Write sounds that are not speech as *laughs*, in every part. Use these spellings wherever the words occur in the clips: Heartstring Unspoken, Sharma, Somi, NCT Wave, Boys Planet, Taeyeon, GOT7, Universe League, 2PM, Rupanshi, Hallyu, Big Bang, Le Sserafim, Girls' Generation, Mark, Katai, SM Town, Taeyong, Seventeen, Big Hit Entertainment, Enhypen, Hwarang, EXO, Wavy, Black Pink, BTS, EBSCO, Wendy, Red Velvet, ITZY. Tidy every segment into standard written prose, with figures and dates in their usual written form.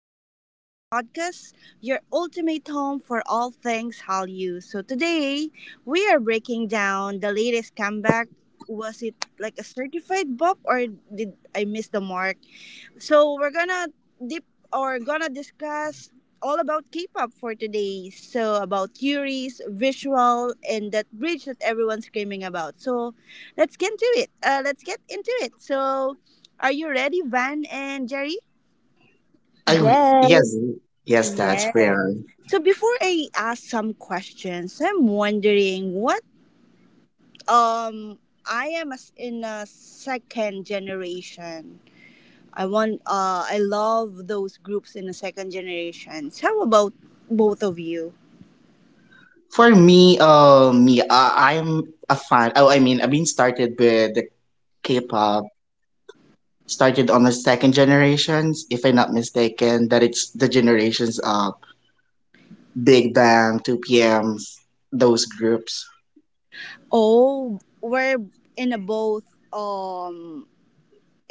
back to our podcast, your ultimate home for all things Hallyu. So today, we are breaking down the latest comeback. Was it like a certified bop, or did I miss the mark? So we're gonna dip or gonna discuss all about K-pop for today. So about theories, visual, and that bridge that everyone's screaming about. So let's get into it. So are you ready, Van and Jerry? Yes, Yes, yes, that's Yes. fair. So before I ask some questions, I'm wondering what I am as in a second generation. I love those groups in the second generations. How about both of you? For me, I'm a fan. Oh, I mean, I've been started with the K-pop. Started on the second generations, if I'm not mistaken, that it's the generations of Big Bang, 2PMs, those groups. Oh, in a both um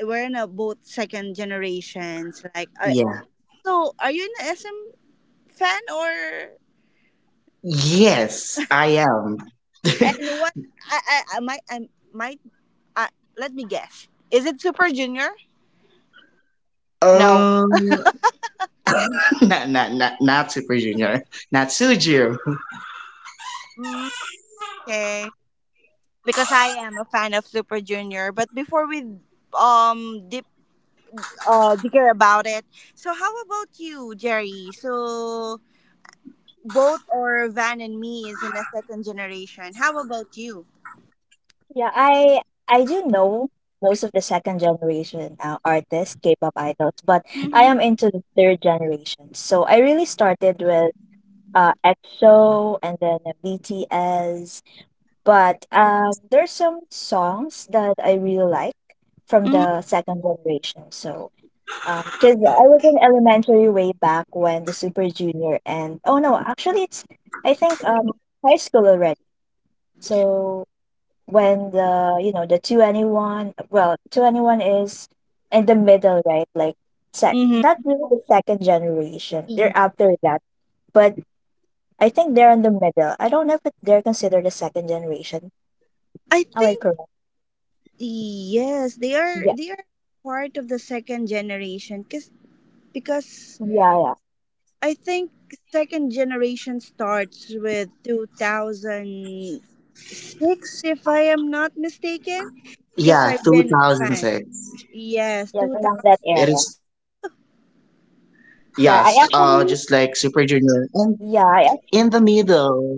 we're in a both second generations. Yeah. So are you an SM fan or Yes, I am. *laughs* and what I might I might I, let me guess. Is it Super Junior? No. Um, *laughs* not Super Junior, not Suju. Mm, okay. Because I am a fan of Super Junior, but before we dip, they care about it. So how about you, Jerry? So both, or Van and me is in a second generation. How about you? yeah, I do know most of the second generation artists, K-pop idols, but I Mm-hmm. am into the third generation. So I really started with EXO and then BTS, but there's some songs that I really like from the Mm-hmm. second generation. So because I was in elementary way back when the Super Junior and oh no, actually it's I think high school already. So when the you know the 2anyone, well, 2anyone is in the middle, right, like sec Mm-hmm. not really the second generation, they're after that, but I think they're in the middle. I don't know if they're considered the second generation. I Am I think correct? yes, they are, Yeah, part of the second generation, because yeah, yeah. I think second generation starts with 2006 if I am not mistaken, because Yeah, I've two been a thousand fan. six. Yes, Yes, around that It area. is yes. Just like Yeah, I Super Junior actually and in the yeah, middle.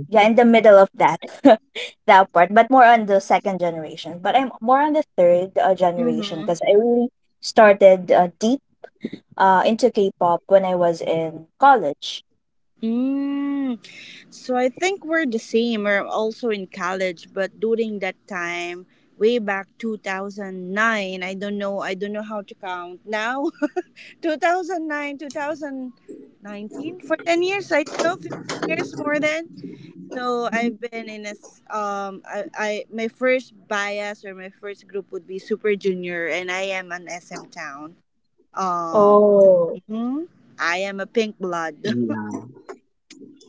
yeah, in the middle of that *laughs* that part, but more on the second generation, but I'm more on the third generation because 2000. I really started deep into K-pop when I was in college. Mm. So I think we're the same. We're also in college, but during that time, way back 2009, I don't know, how to count now. *laughs* 2009, 2019 for 10 years, I don't know, 15 years more than. So Mhm. I've been in a s- I my first bias or my first group would be Super Junior, and I am an SM town. Um Oh, mhm. I am a pink blood. *laughs* Yeah.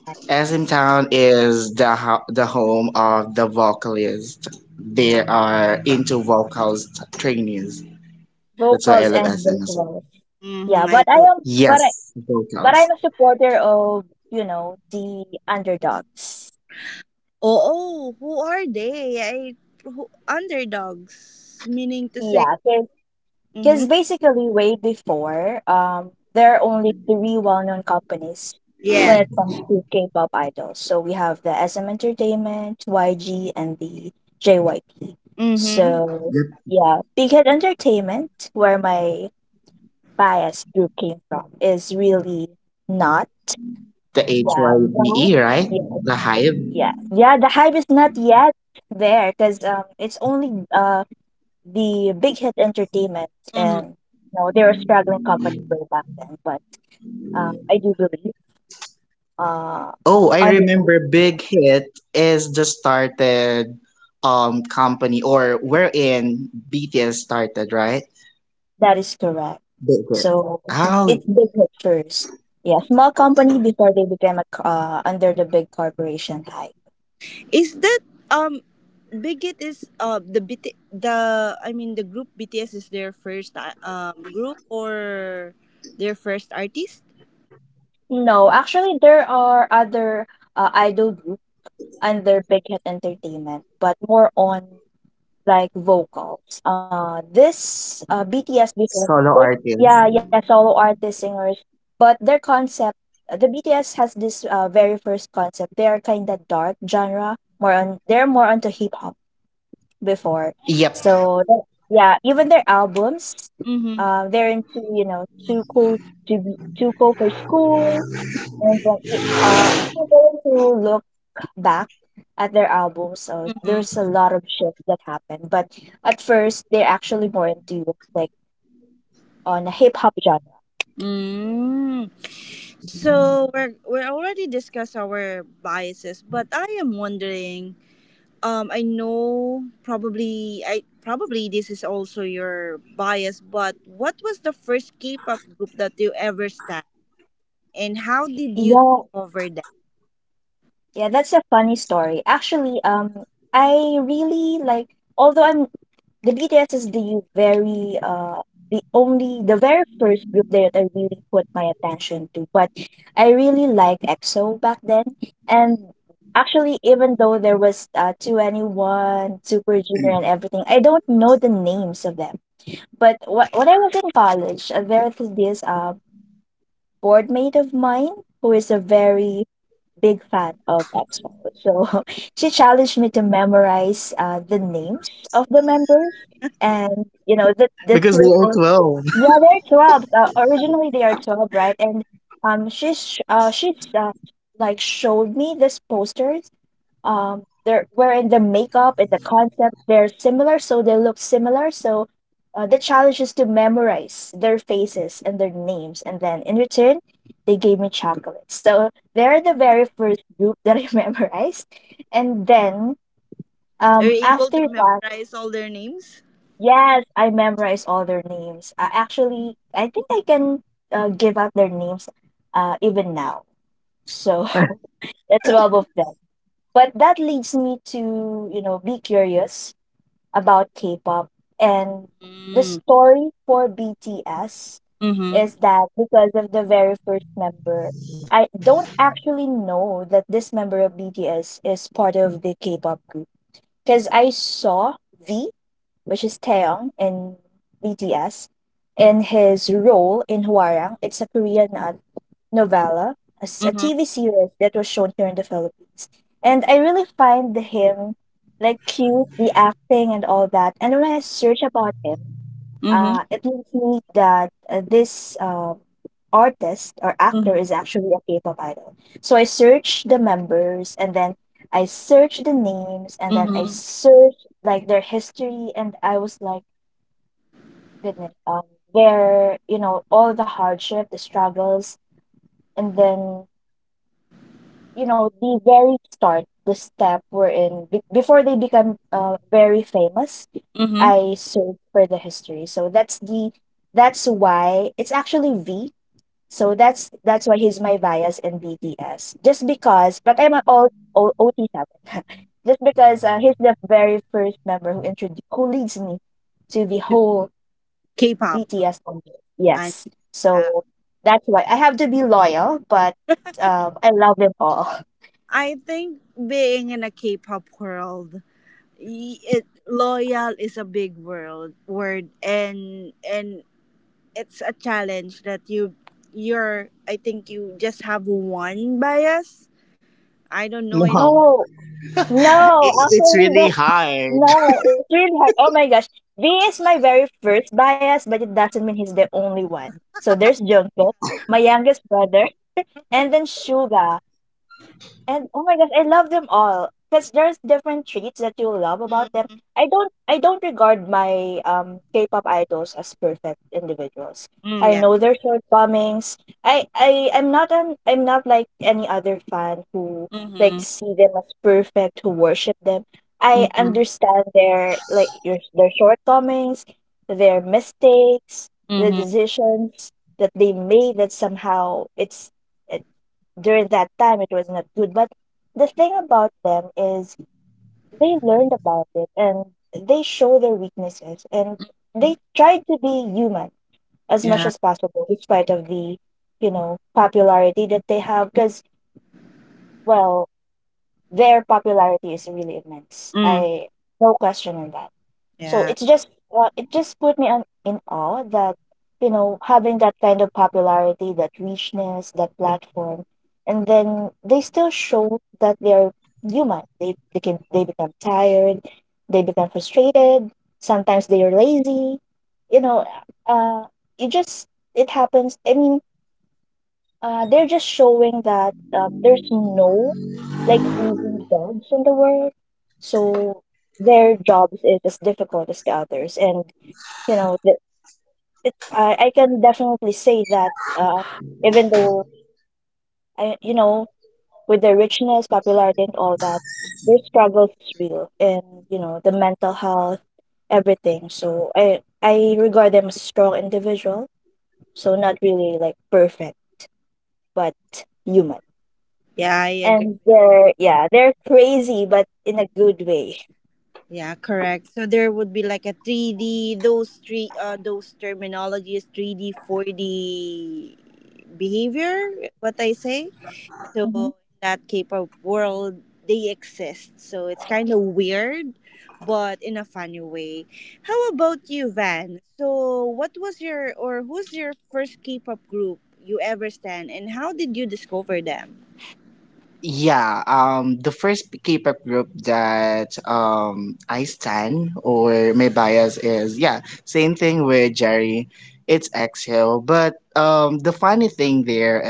I see. SM Town is the the home of the vocalist. They are into vocals trainees. That's why Vocals I love and SM as well. visuals. Yeah, Mm-hmm, but I I do. am, but I, Yes, but I'm vocals. a supporter of the underdogs. Oo, who are they? Underdogs, meaning to say, Yeah, so, mm-hmm, because basically, way before, there are only three well-known companies yes, when it comes to K-pop idols. So we have the SM Entertainment, YG, and the JYP. mm-hmm, So, yeah, Big Hit Entertainment, where my bias group came from, is really not. The H Y Yeah, B E, right? yeah, The Hive. yeah, yeah. The hype is not yet there because it's only the big hit entertainment, mm-hmm. and you know they were a struggling company way back then, but I do believe uh, Oh, I on the group remember Big Hit is the started company or wherein BTS started, right? that is correct. Big Hit. So it's Oh, big hit first. Yeah, small company before they became under the big corporation hype. Is that um, Bigot is the BT the I mean the group BTS is their first group, or their first artist? No, actually there are other idol group under big hit entertainment, but more on like vocals. This BTS before, solo they artist. yeah, yeah, solo artist singers, but their concept, the BTS has this very first concept. They are kind of dark genre, more on they're more onto hip hop before. Yep, So yeah, even their albums, Mm-hmm, they're into too cool to be too cool for school, and then if you're going to look back at their album. So mm-hmm. there's a lot of shift that happened. But at first, they're actually more into like on a hip hop genre. Mm. So we're already discussed our biases, but I am wondering. I know, probably, I probably this is also your bias, but what was the first K-pop group that you ever stan, and how did you Yeah. discover them? Yeah, that's a funny story. Actually, I really like, although I'm the BTS is the very first group that I really put my attention to, but I really liked EXO back then. And actually, even though there was 2 anyone, Super Junior, and everything, I don't know the names of them. But when I was in college, there was this board mate of mine who is a very big fan of EBSCO. So *laughs* she challenged me to memorize the names of the members. And, the because they 12, are 12. yeah, they're 12. Originally, they are 12, right? And she's like, showed me this poster, they're wherein the makeup and the concept they're similar, so they look similar. So the challenge is to memorize their faces and their names, and then in return they gave me chocolates. So they're the very first group that I *laughs* memorized. And then Are you able to after that, memorize all their names? yes, I memorized all their names. Actually, I think I can give out their names even now. So *laughs* the 12 of them. But that leads me to be curious about K-pop, and the Mm. story for BTS is Mhm. that, because of the very first member, I don't actually know that this member of BTS is part of the K-pop group, because I saw V, which is Taeyong in BTS, in his role in Hwarang. It's a Korean Novella, a Mhm. TV series that was shown here in the Philippines. And I really find him like cute, the acting and all that. And when I search about him, Mhm. It leads me that this artist or actor is Mhm. actually a K-pop idol. So I search the members, and then I search the names, and then I Mhm. search like their history, and I was like, goodness, their you know all the hardship, the struggles, and then the very start, the step we're in before they become very famous. Mhm. I search for the history. So that's why it's actually V. So that's why he's my bias in BTS, just because. But I'm an all OT7 *laughs* just because he's the very first member who leads me to the whole K-pop, BTS only. and Yes, yeah, so that's why I have to be loyal, but I love them all. I think being in a K-pop world, it, loyal is a big world word, and it's a challenge that you're, I think, you just have one bias. I don't know *laughs* if. No, Oh. *laughs* it, No, it's actually, the really *laughs* hard. no, it's really hard. Oh my gosh, V is my very first bias, but it doesn't mean he's the only one. So there's Jungkook, my youngest brother, and then Suga. And oh my gosh, I love them all because there's different traits that you love about them. Mhm. I don't regard my K-pop idols as perfect individuals. Mm, I yeah. know their shortcomings. I'm not like any other fan who like Mhm. see them as perfect, who worship them. I Mhm. understand their like your their shortcomings, their mistakes, the Mhm. decisions that they made that somehow, it's during that time it was not good, but the thing about them is they learned about it, and they show their weaknesses, and they try to be human as much Yeah. as possible despite of the popularity that they have because, well, their popularity is really immense. Mm. I No question on that. So Yeah. it's just, it just put me in awe that, you know, having that kind of popularity, that richness, that platform, and then they still show that they're human. They become tired, they become frustrated. Sometimes they are lazy. You know, uh, it just it happens. I mean, they're just showing that, there's no like easy jobs in the world. So their jobs is as difficult as the others, and you know that it, I can definitely say that, even though, I you know with their richness, popularity, and all that, their struggles is real, and the mental health, everything. So I regard them as a strong individual. So not really like perfect, but human. Yeah, I agree. And they're crazy, but in a good way. Yeah, correct. So there would be like a 3D, those terminologies, 3D, 4D behavior, what I say. So Hmm. in that K-pop world, they exist. So it's kind of weird, but in a funny way. How about you, Van? So what was your or who's your first K-pop group you ever stand, and how did you discover them? Yeah, the first K-pop group that I stan or my bias is, yeah, same thing with Jerry. It's EXO, but the funny thing there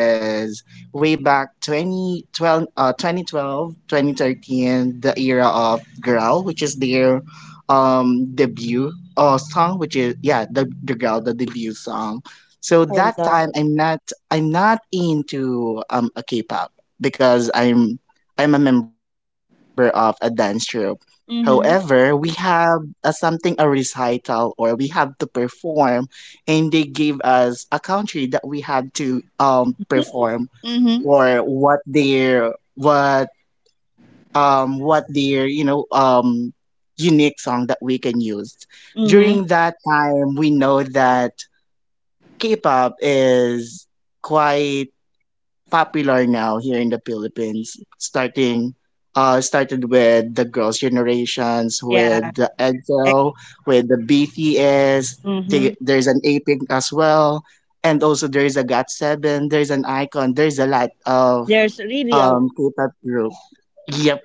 is way back 2012, 2012, 2013, the era of Girl, which is their debut song, which is, yeah, the Girl, the debut song. So I that love time it. I'm not into a K-pop because I'm a member of a dance troupe. However, we Mm-hmm. have a, something, a recital, or we have to perform, and they gave us a country that we had to perform, Mm-hmm. or what their unique song that we can use. Mm-hmm. During that time, we know that K-pop is quite popular now here in the Philippines, starting started with the Girls' Generations, Yeah. with the Ex- EXO, with the BTS. mm-hmm. There's an A Pink as well, and also there is a GOT7. There's an Icon. There's a lot of There's really a lot. K-pop group. Yep.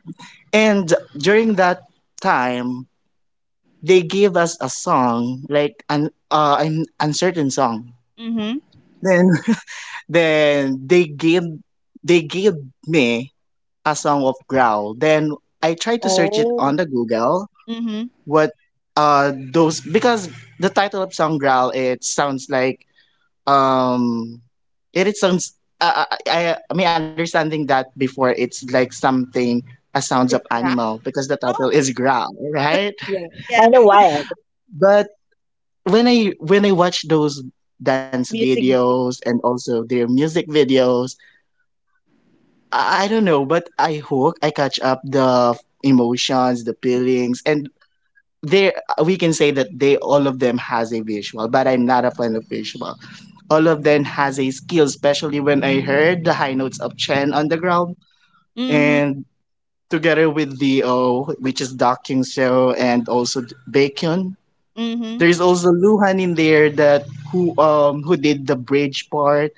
And during that time, they gave us a song like an uncertain song. Mm-hmm. Then *laughs* then they gave me a song of growl. Then I tried to search it Oh. on the Google, Mm-hmm. what those, because the title of song growl, it sounds like um it sounds, I mean, understanding that before, it's like something, a sounds of It's rap. animal, because the title Oh. is growl, right? Yeah, Yeah. kind of wild. But when I watch those dance Music video. videos and also their music videos, I don't know, but I catch up the emotions, the feelings, and there, we can say that they all of them has a visual, but I'm not a fan of visual. All of them has a skill, especially when I heard the high notes of Chen on the ground, Mm-hmm. and together with the O, which is Doc King Seo, and also Bacon. Mm-hmm. There's also Luhan in there that who did the bridge part.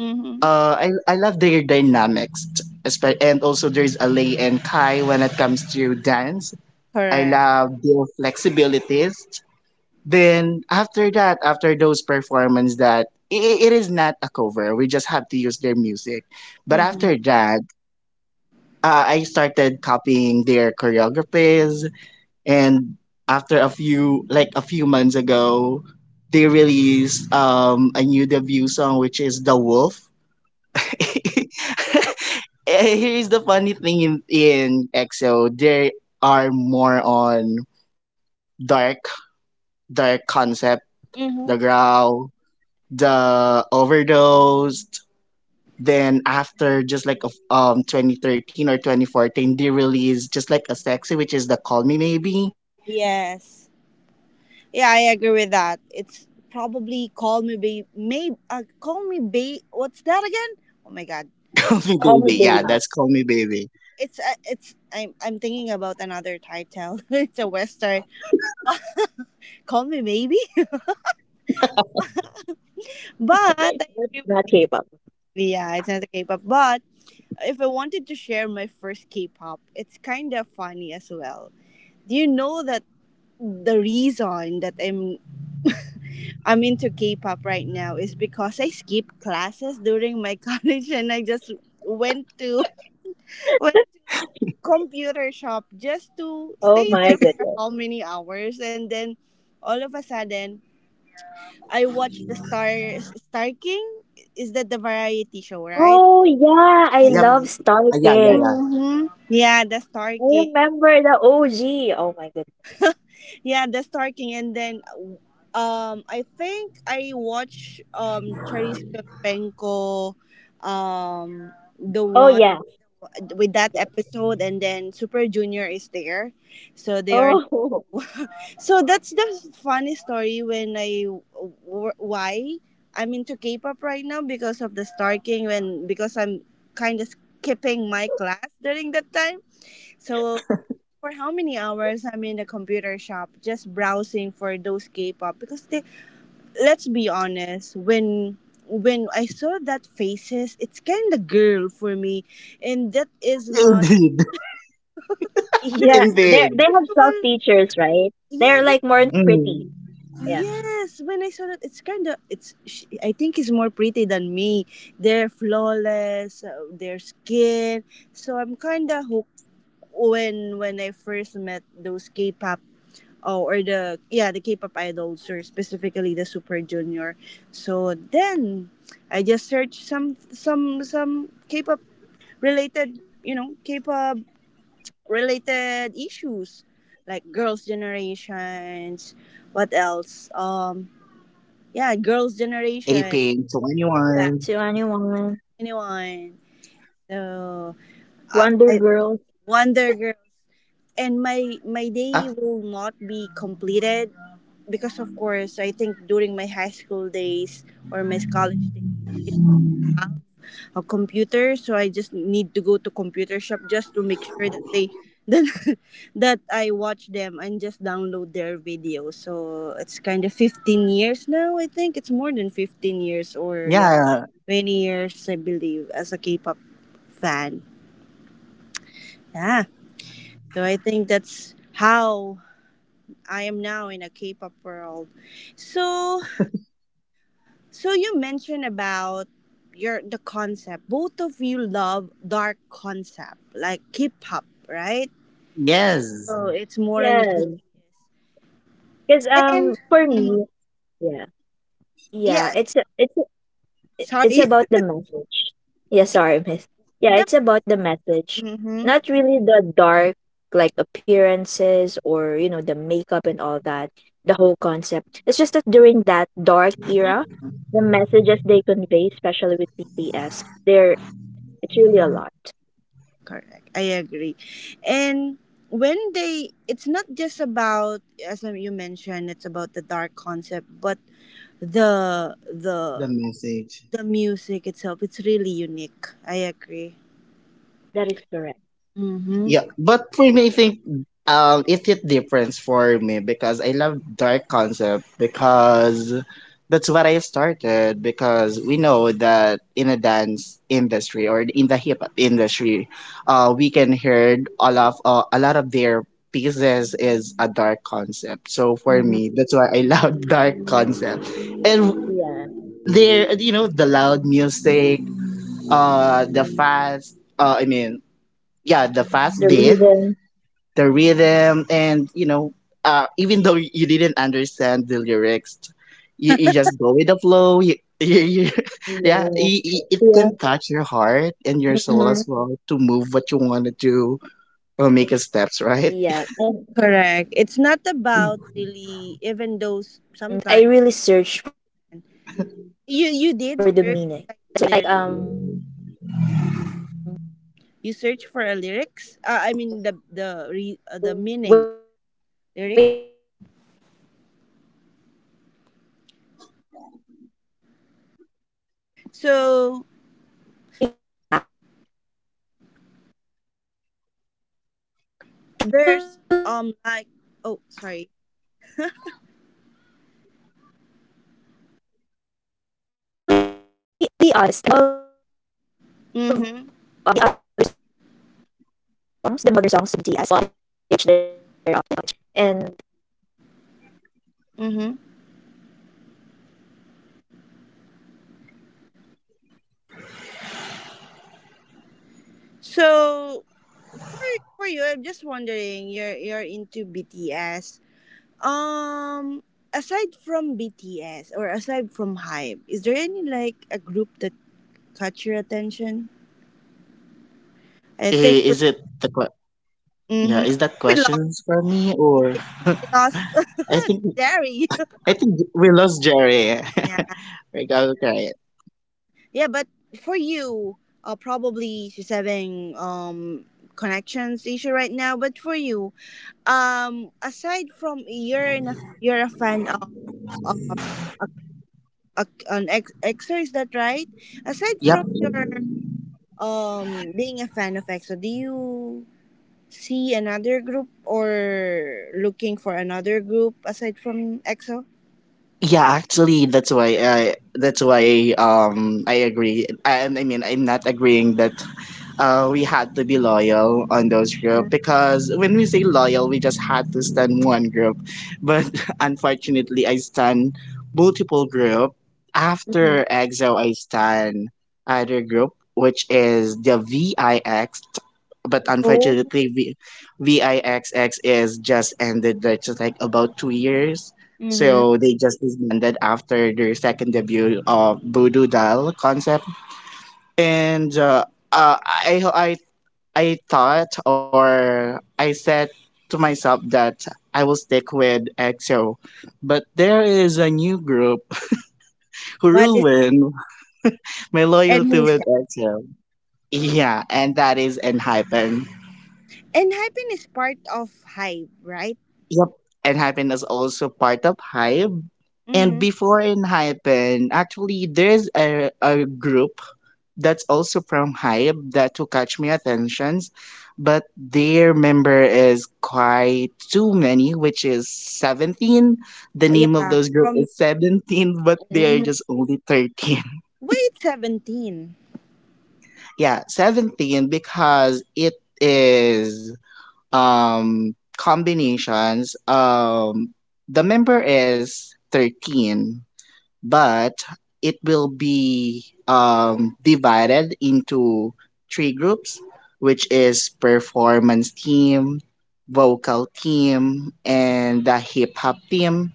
Mm-hmm. I love their dynamics, and also there's Alay and Kai when it comes to dance. I Correct. love their flexibilities. Then after that, after those performance, that it is not a cover, we just have to use their music, but Mm-hmm. after that, I started copying their choreographies, and after a few months ago, they released a new debut song, which is the Wolf. *laughs* Here's the funny thing, in EXO, they are more on dark dark concept, the Mm-hmm. Growl, the Overdosed. Then after, just like of 2013 or 2014, they released just like a sexy, which is the Call Me Maybe. Yes. Yeah, I agree with that. It's probably call me be may call me be what's that again? Oh my god. *laughs* Call me Call Call me baby, me. yeah, baby. that's Call Me Baby. It's I'm thinking about another title. *laughs* It's a western. Call me maybe. *laughs* But I *laughs* agree with Not you. K-pop. Yeah, it's not a K-pop. But if I wanted to share my first K-pop, it's kind of funny as well. Do you know that the reason that I'm into K-pop right now is because I skipped classes during my *laughs* college, and I just went to *laughs* went computer shop just to Oh stay my there for goodness. how many hours, and then all of a sudden I watched the Star King. Is that the variety show, right? Oh yeah, I I Yep. love Yeah, stalking. yeah, Mm-hmm. Yeah, the Star I King. remember the OG. Oh my goodness. Yeah, the Starking, and then I think I watch Charisse Pempenko, um the Oh one yeah. with that Yeah. episode, and then Super Junior is there. So they are the one. Who- Oh, *laughs* So that's the funny story, when why I'm into K-pop right now, because of the Starking. When Because I'm kind of skipping my class during that time, so for how many hours I'm in the computer shop just browsing for those K-pop. Because they Let's be honest, when I saw that faces, it's kind of girl for me, and that is yeah. *laughs* not Indeed, *laughs* *laughs* that yeah. is not They the they indeed. have self usual. features, right? yeah They're that, like more pretty. Mm. Yeah. yes, when I saw that, it's kind of I think it's more pretty than me. They're flawless, their skin, so I'm kind of hooked when I first met those K-pop. Oh, or the yeah, the K-pop idols, or specifically the Super Junior. So then I just searched some K-pop related, K-pop related issues, like girls generations, what else? Yeah, girls Aping generation, 21, Black To anyone. anyone, so Wonder I Girls. Wonder Girls, and my uh, my day will not be completed, because of course, I think during my high school days or my college days, I don't have a computer, so I just need to go to computer shop just to make sure that they *laughs* that, that I watch them, and just download their videos. So it's kind of 15 years now. I think it's more than 15 years, or yeah, yeah, 20 years, I believe, as a K-pop fan. Yeah, so I think that's how I am now in a K-pop world. So, so you mentioned about your the concept. Both of you love dark concept, like K-pop, right? So yes, it's more on the Yes. BTS. Cause, And for mhm, me, yeah. Yeah. yeah, It's a, it's it- it's sorry. about *laughs* the message. Yeah, Yeah, sorry, miss. Yeah, the it's about the message. mhm, Not really the dark, like appearances, or, the makeup and all that, the whole concept. It's just that during that dark mm, era, the messages they convey, especially with BTS, they're it's really a lot. correct. I agree. And when they it's not just about, as you mentioned, it's about the dark concept, but the the the message. the music itself, it's really unique. I agree. That is correct. Mm-hmm. Yeah, but for me, I think, it hit difference for me, because I love dark concept, because that's what I started, because we know that in a dance industry or in the hip hop industry, we can hear all of a lot of their pieces is a dark concept. So for Mm-hmm. me, that's why I love *laughs* dark concept, and Yeah. there, the loud music, the fast. I mean, yeah, the fast The beat, rhythm. the rhythm, and even though you didn't understand the lyrics, you just go with the flow. You, *laughs* you Yeah, Yeah. It Yeah. can touch your heart and your soul Mm-hmm. as well, to move what you want to do or make a steps, right? Correct. It's not about really, even though sometimes you did search, like, the lyric. You search for a lyrics. I mean the meaning of lyric. So there's like oh, sorry. Mhm. Mhm. So for, for you, I'm just wondering. You're into BTS. Um, Aside from BTS, or aside from Hype, is there any like a group that caught your attention? I think. I- is it yeah, Mm-hmm. is that We lost. questions for me or? Yeah, we lost *laughs* i think *laughs* dairy. I think we lost Jerry. Yeah, *laughs* Okay, okay. yeah. But for you, probably she's having connections issue right now. But for you, aside from, you're a fan of um a, EXO, is that right? Aside from Yep. your being a fan of EXO, do you see another group, or looking for another group aside from EXO? Yeah, actually, that's why I, that's why I agree. I mean, I'm not agreeing that, we had to be loyal on those group, because when we say loyal, we just had to stand *laughs* one group. But *laughs* unfortunately, I stand multiple group. Mm-hmm. After EXO, I stand other group, which is the VIX. But unfortunately, VIXX is just ended, like, just like about 2 years. Mm-hmm. So they just disbanded after their second debut of Voodoo Doll concept, and uh, I I I thought, or I said to myself that I will stick with EXO. But there is a new group *laughs* who What is ruined my and loyalty Who is with that? EXO. Yeah, and that is Enhypen. And Hyphen is part of Hype, right? Yep, Enhypen is also part of Hype. And Mm-hmm. before Enhypen, actually, there's a group that's also from Hype that to catch my attentions, but their member is quite too many, which is 17. The name of Yeah. those groups From is 17, *laughs* but they're hmm just only 13. *laughs* Wait, seventeen. Yeah, 17 because it is combinations. The member is 13, but it will be, divided into three groups, which is performance team, vocal team, and the hip hop team.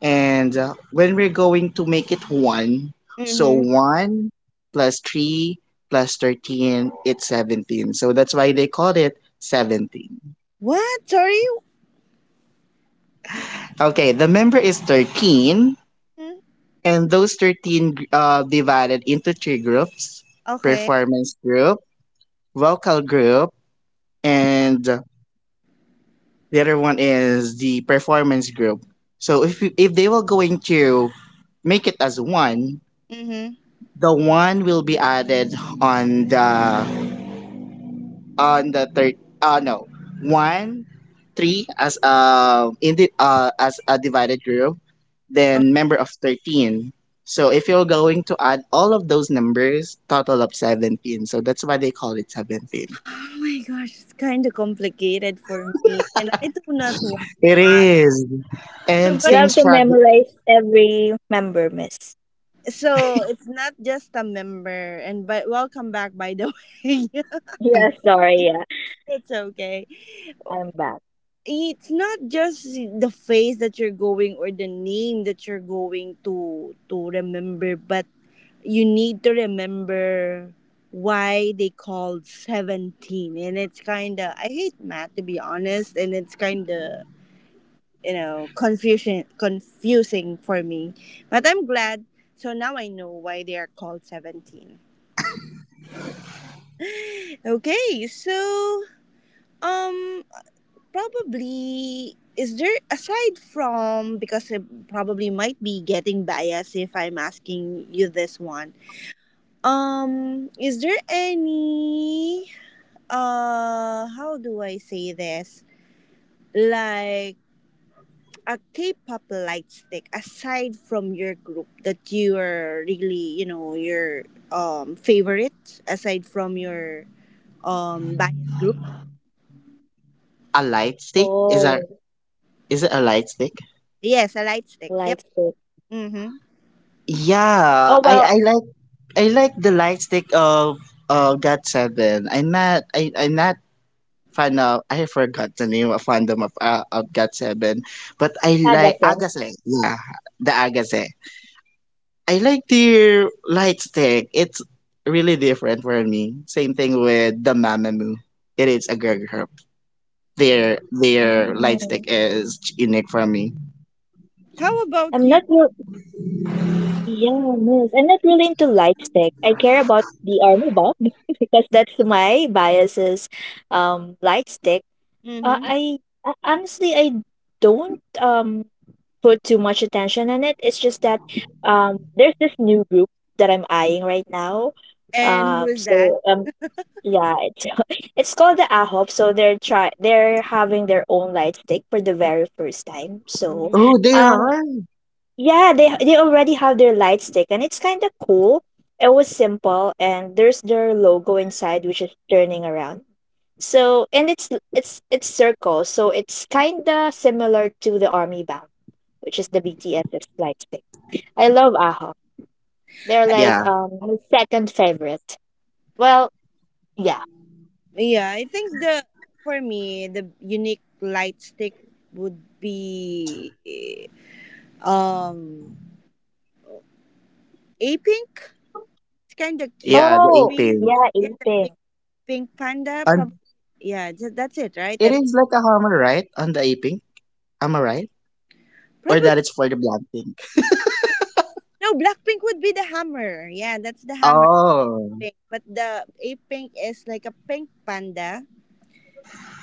And when we're going to make it one, so Mm-hmm. one plus three plus 13, it's 17. So that's why they called it 17. What? Sorry. Okay, the member is 13. Mhm. And those 13, divided into three groups, Okay. performance group, vocal group, and the other one is the performance group. So if they were going to make it as one, Mm-hmm. the one will be added on the on the third, no, one three, as in the, as a divided group, Oh. then member of 13. So if you're going to add all of those numbers, total of 17. So that's why they call it 17. *sighs* Oh my gosh, it's kind of complicated for me, and I do not want It much. is. So, And You but same have to struggle. memorize every member, miss. so it's not just a member, and but welcome back, by the *laughs* way. Yeah, *laughs* sorry. Yeah, It's okay. I'm back. It's not just the phase that you're going, or the name that you're going to remember, but you need to remember why they called 17, and it's kind of, I hate math, to be honest, and it's kind of, confusion confusing for me, but I'm glad. So now I know why they are called 17. Okay, so um probably, is there, aside from, because I probably might be getting biased if I'm asking you this one, is there any, how do I say this? Like, a K-pop light stick aside from your group that you are really, your favorite aside from your bias group. A light stick Oh, is it a light stick? Yes, a light stick. Yep. light stick. Mhm. Yeah, Oh, well, I like the light stick of God Seven. I'm not fan of, I forgot the name of fandom of, of God Seven, but I like Pagasen. Agase. Yeah, the Agase. I like their light stick. It's really different for me. Same thing with the Mamamoo. It is a girl group. Their light Oh, stick is unique for me. How about I'm you? not real. yeah, miss. I'm not really into light stick. I care about the army bomb *laughs* because that's my biases. Light stick. Mhm. I Honestly, I don't put too much attention on it. It's just that there's this new group that I'm eyeing right now. And who is that? So, yeah, it's *laughs* it's called the AHOP. So they're having their own light stick for the very first time. So, Mm. Oh, they um, are. yeah, they already have their light stick, and it's kind of cool. It was simple, and there's their logo inside, which is turning around. So, and it's circle, so it's kind of similar to the Army Bomb, which is the BTS's light stick. I love AHA. They're I, like Yeah, my second favorite. Well, yeah. yeah, I think the for me, the unique light stick would be um a pink. It's kind of cute yeah, the for A Oh, me. Pink. yeah, Yeah, the big eating. pink panda. And Probably. Yeah, that's it, right? it The is like a hammer, right? On the A Pink, am I right? Or Probably that it's for the Black Pink. no, black pink would be the hammer. Yeah, that's the hammer Oh, pink. But the a pink is like a pink panda.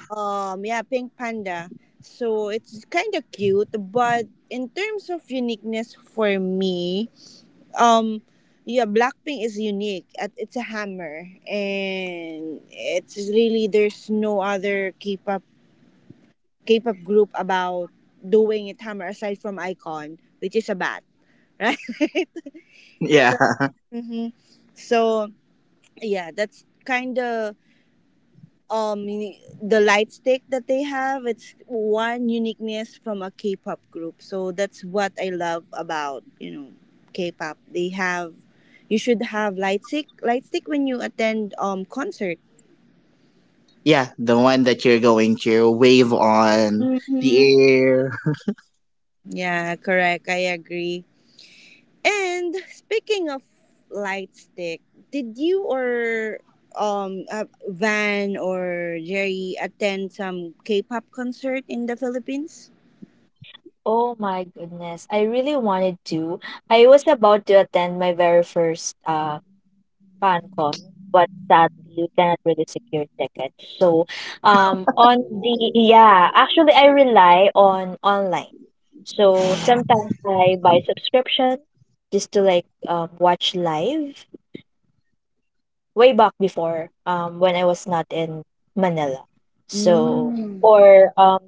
Yeah, pink panda. So it's kind of cute, but in terms of uniqueness for me, um, yeah, Blackpink is unique. At it's a hammer, and it's really there's no other K-pop group about doing it hammer, aside from Icon, which is a bat, *laughs* right? So, yeah, *laughs* mhm. So yeah, that's kind of the light stick that they have, it's one uniqueness from a K-pop group. So that's what I love about K-pop. They have you should have light stick when you attend concert. yeah, the one that you're going to wave on Hmm. the air. Yeah, correct, I agree. And speaking of light stick, did you or Van or Jerry attend some K-pop concert in the Philippines? Oh my goodness. I really wanted to. I was about to attend my very first FanCon, but sadly you cannot really secure tickets. So on the yeah, actually I rely on online. So sometimes I buy subscription just to like watch live way back before, when I was not in Manila. So, Mm. or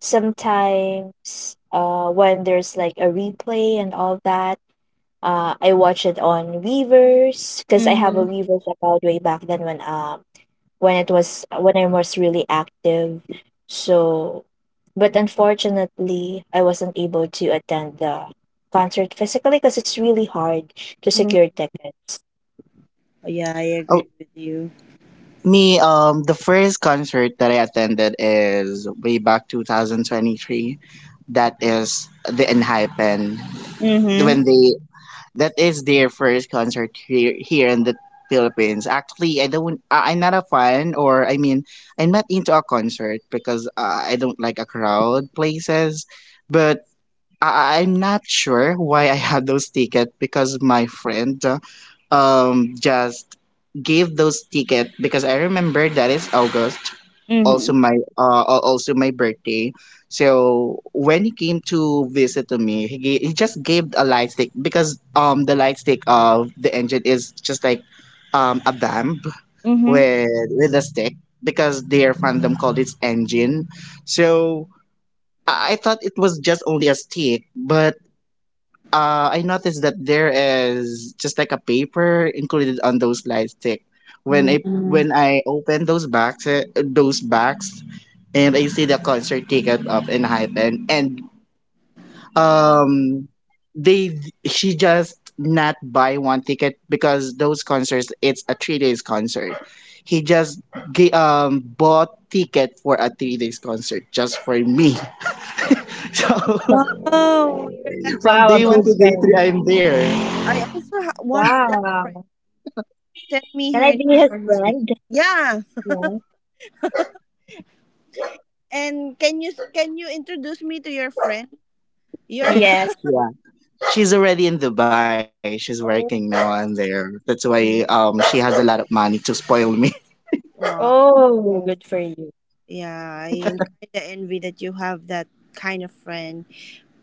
sometimes when there's like a replay and all that, I watch it on Weavers because I have a Mm-hmm. Weavers account way back then, when I was really active. So, but unfortunately, I wasn't able to attend the concert physically because it's really hard to Mm. secure tickets. Yeah, I agree *laughs* with you. Me, the first concert that I attended is way back 2023. That is the Enhypen. When Mhm. they That is their first concert here in the Philippines. Actually, I don't. I'm not a fan, or I mean, I'm not into a concert because I don't like a crowd places. But I'm not sure why I had those tickets, because my friend, just gave those tickets, because I remember that is August, Mhm. also my also my birthday. So when he came to visit to me, he just gave a light stick, because the light stick of the engine is just like a vamp, Mhm. with with a stick, because their fandom called it engine. So I thought it was just only a stick, but I noticed that there is just like a paper included on those light stick. When I Yeah. when I open those bags, and I see the concert ticket up in Hypen, and um, they she just not buy one ticket, because those concerts it's a 3 days concert. He just bought ticket for a 3 days concert just for me. *laughs* So *laughs* *laughs* Wow, you're lucky that from Wow, a day you one good to also. day three, friend. I'm there. I also want that friend. Wow. Send me Can her I name be his or his name. friend? Yeah, Yeah. and can you introduce me to your friend? Your *laughs* Yes. She's already in Dubai. She's working now oh, and there. That's why she has a lot of money to spoil me. *laughs* wow. Oh, good for you. Yeah, I am kind of envy that you have that kind of friend.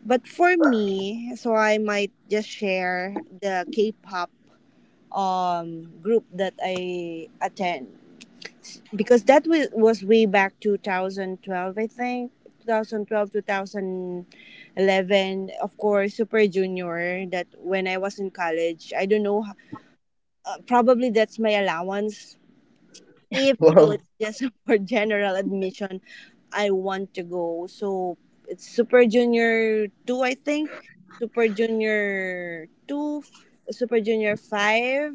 But for me, so I might just share the K-pop group that I attend, because that was way back 2012, I think. 2012, 2011. Of course, Super Junior, that when I was in college. I don't know, probably that's my allowance, even though Wow, it's just *laughs* for general admission. I want to go. So it's Super Junior 2, I think. Super Junior 2, Super Junior 5.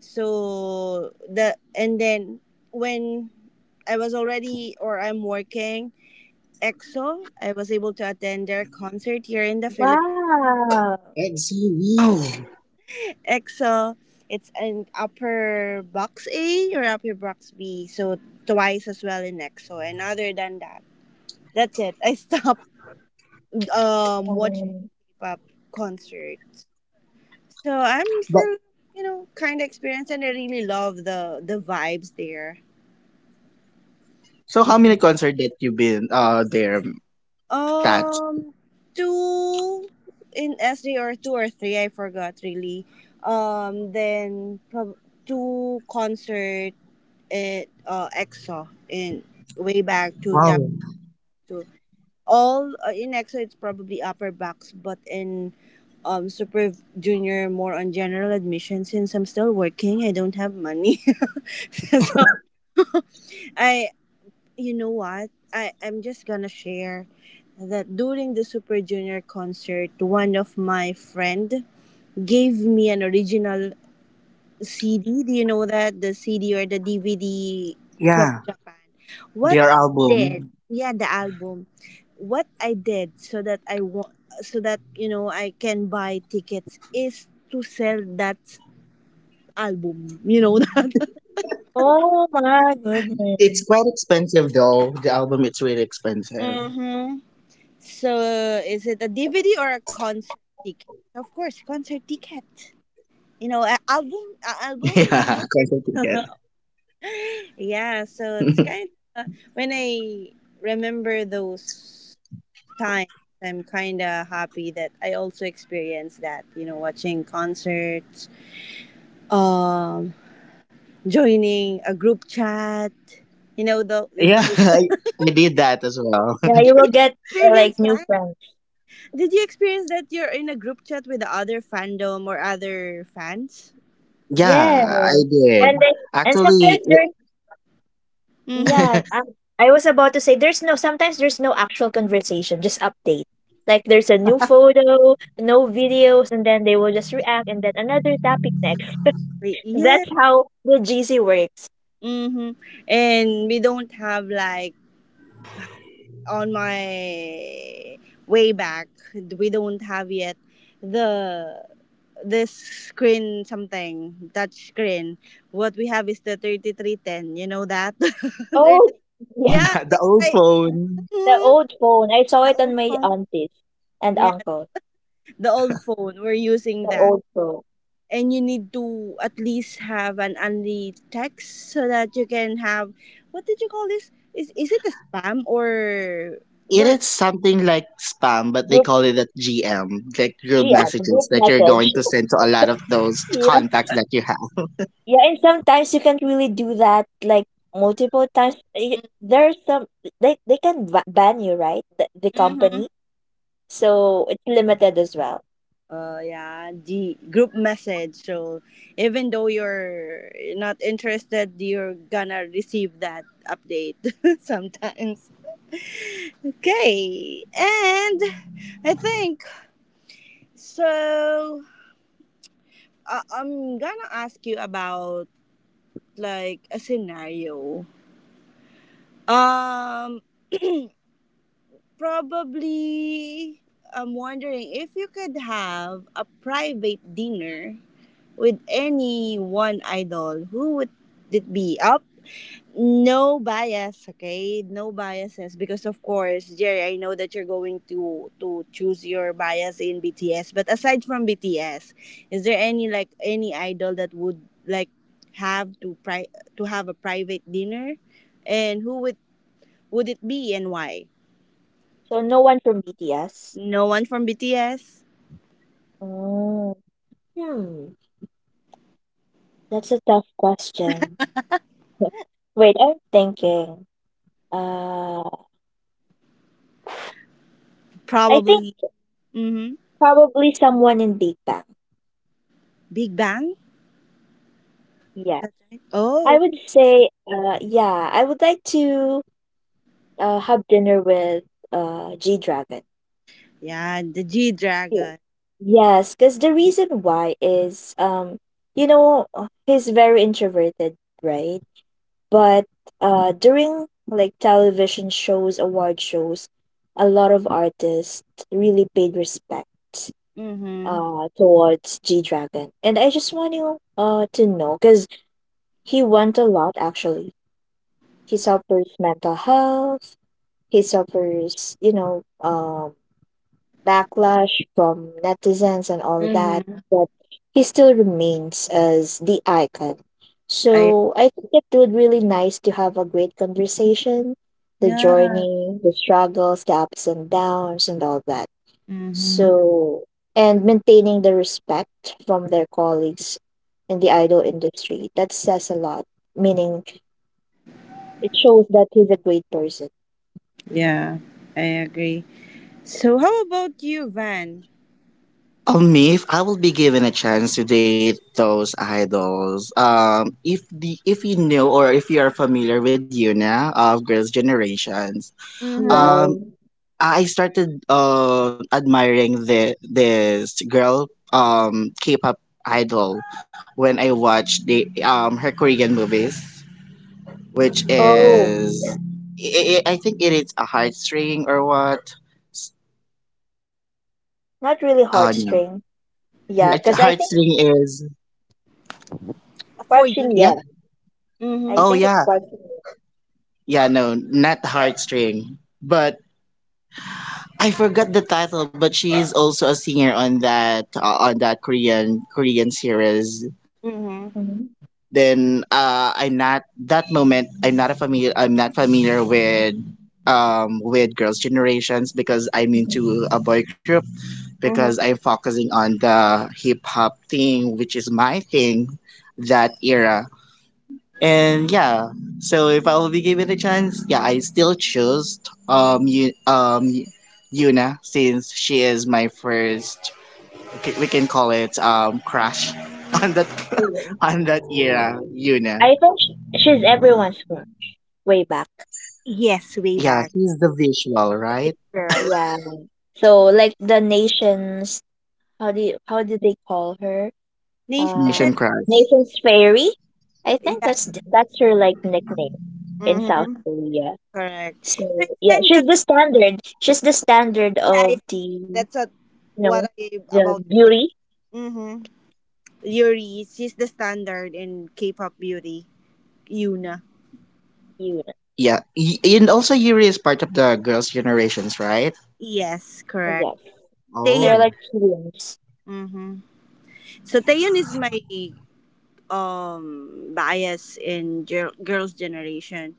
So the and then when I was already or I'm working EXO, I was able to attend their concert here in the Philippines. Wow. that's so, wow, weird. EXO, it's an upper box A or upper box B, so twice as well in EXO. And other than that, that's it. I *laughs* stopped watching Um, K-pop concerts, so I'm But still kind of experienced and I really love the vibes there. so how many Mm. concert that you been there, Kat? Um, two in SD or two or three. I forgot really. Um, then prob- Two concert at EXO in way back two thousand Wow. two. All in EXO, it's probably upper backs, but in Super Junior, more on general admission. Since I'm still working, I don't have money, *laughs* so I what? I'm just gonna share that during the Super Junior concert, one of my friend gave me an original CD. Do you know that? The CD or the DVD from Yeah. Japan. What Their I did, album. yeah, the album. What I did so that I want, so that, I can buy tickets is to sell that album. You know that? *laughs* Oh my It's quite goodness. expensive though. The album it's really expensive. Mm-hmm. So is it a DVD or a concert ticket? Of course, concert ticket. You know, *laughs* a Yeah, album, concert a album. ticket. You know, *gasps* *laughs* *laughs* yeah. So it's kind of when I remember those times, I'm kind of happy that I also experienced that. You know, watching concerts, um, joining a group chat. You know, Yeah, *laughs* those. I, *laughs* I did that as well. Yeah, Did you will you get like experience new that? friends. Did you experience that you're in a group chat with the other fandom or other fans? *laughs* Yes. Yeah, I And did. they, and sometimes Actually, there Mm-hmm. yeah, I, *laughs* I was about to say there's no sometimes there's no actual conversation, just update. Like there's a new photo, no videos, and then they will just react and then another topic next. *laughs* Yes. That's how the GC works. Mm-hmm. And we don't have like on my way back, we don't have yet the this screen something touch screen. What we have is the 3310. You know that. *laughs* 33, Oh, *laughs* yeah. yeah. The old phone. The mhm, old phone. I saw the it on old my phone. aunties and Yeah, uncles. the old phone. We're using The that. old phone. And you need to at least have an unread text so that you can have, what did you call this? Is it a spam or It what? is something like spam, but they Group call it a GM, like group GM, messages group that you're going message. to *laughs* send to a lot of those Yeah. contacts that you have. Yeah, and sometimes you can't really do that like multiple times. There's some they can ban you, right? The Mm-hmm. company. So it's limited as well. Uh, yeah, the group message. So even though you're not interested, you're gonna receive that update *laughs* sometimes. Okay, and I think so. I'm gonna ask you about like a scenario. Um, *clears throat* probably. I'm wondering if you could have a private dinner with any one idol. Who would it be? Up? No bias, okay? No biases, because of course, Jerry, I know that you're going to choose your bias in BTS. But aside from BTS, is there any like any idol that would like have to pri- to have a private dinner, and who would it be and why? So no one from BTS. No one from BTS. Oh. Hmm. That's a tough question. *laughs* Wait, I'm thinking. Uh, I think Probably. Mm-hmm. probably someone in Big Bang. Big Bang. Yeah. That's right. I Oh, would okay. say, yeah, I would like to have dinner with G Dragon. Yeah, the G Cool. Dragon. Yes, because the reason why is, you know, he's very introverted, right? But during like television shows, award shows, a lot of artists really paid respect Mm-hmm. Towards G Dragon, and I just want you to know because he won a lot actually. He suffers mental health. He suffers, you know, backlash from netizens and all that, Mm-hmm. but he still remains as the icon. I So I think it would really nice to have a great conversation, the yeah. journey, the struggles, the ups and downs, and all that. Mm-hmm. So and maintaining the respect from their colleagues in the idol industry. That says a lot, meaning it shows that he's a great person. Yeah, I agree. So how about you, Van? Me, if I will be given a chance to date those idols, if the if you know or if you are familiar with Yuna of Girls' Generations, Mm-hmm. um, Yes. I started admiring the this girl K-pop idol when I watched the her Korean movies, which Oh, is I think it is a heartstring or what? S- not really no, heartstring. Yeah, because I think heartstring is, For percussion, you. yeah. yeah. I Mm-hmm. think Oh it's yeah, percussion. yeah. No, not heartstring, but I forgot the title. But she is also a singer on that Korean series. Mm-hmm. Mm-hmm. Then I'm not that moment. I'm not a familiar. I'm not familiar with Girls' Generations because I'm into a boy group, because Mm-hmm. I'm focusing on the hip hop thing, which is my thing, that era. And yeah, so if I will be given a chance, yeah, I still choose you Yuna, since she is my first. We can call it crush *laughs* on that, Hmm. on that era, Yuna. I think she's everyone's girl way back. Yes, way Yeah, back. he's the visual, The it right? girl. Yeah. So like the nations, how do they call her? Nation. Uh, Asian crush. nations fairy. I think Yeah. That's her like nickname in South Mm-hmm. Korea. Correct. So So it's yeah, kind of she's the standard. She's the standard yeah, of yeah, the that's you what know I the about to say. beauty Mm-hmm. Yuri, she's the standard in K-pop beauty. Yuna. unit. And also Yuri is part of the Girls' Generations, right? Yes, Oh correct. yeah, they're Taeyeon. Oh, like twins. Mm-hmm. So Taeyeon is my bias in girl, girls' generation,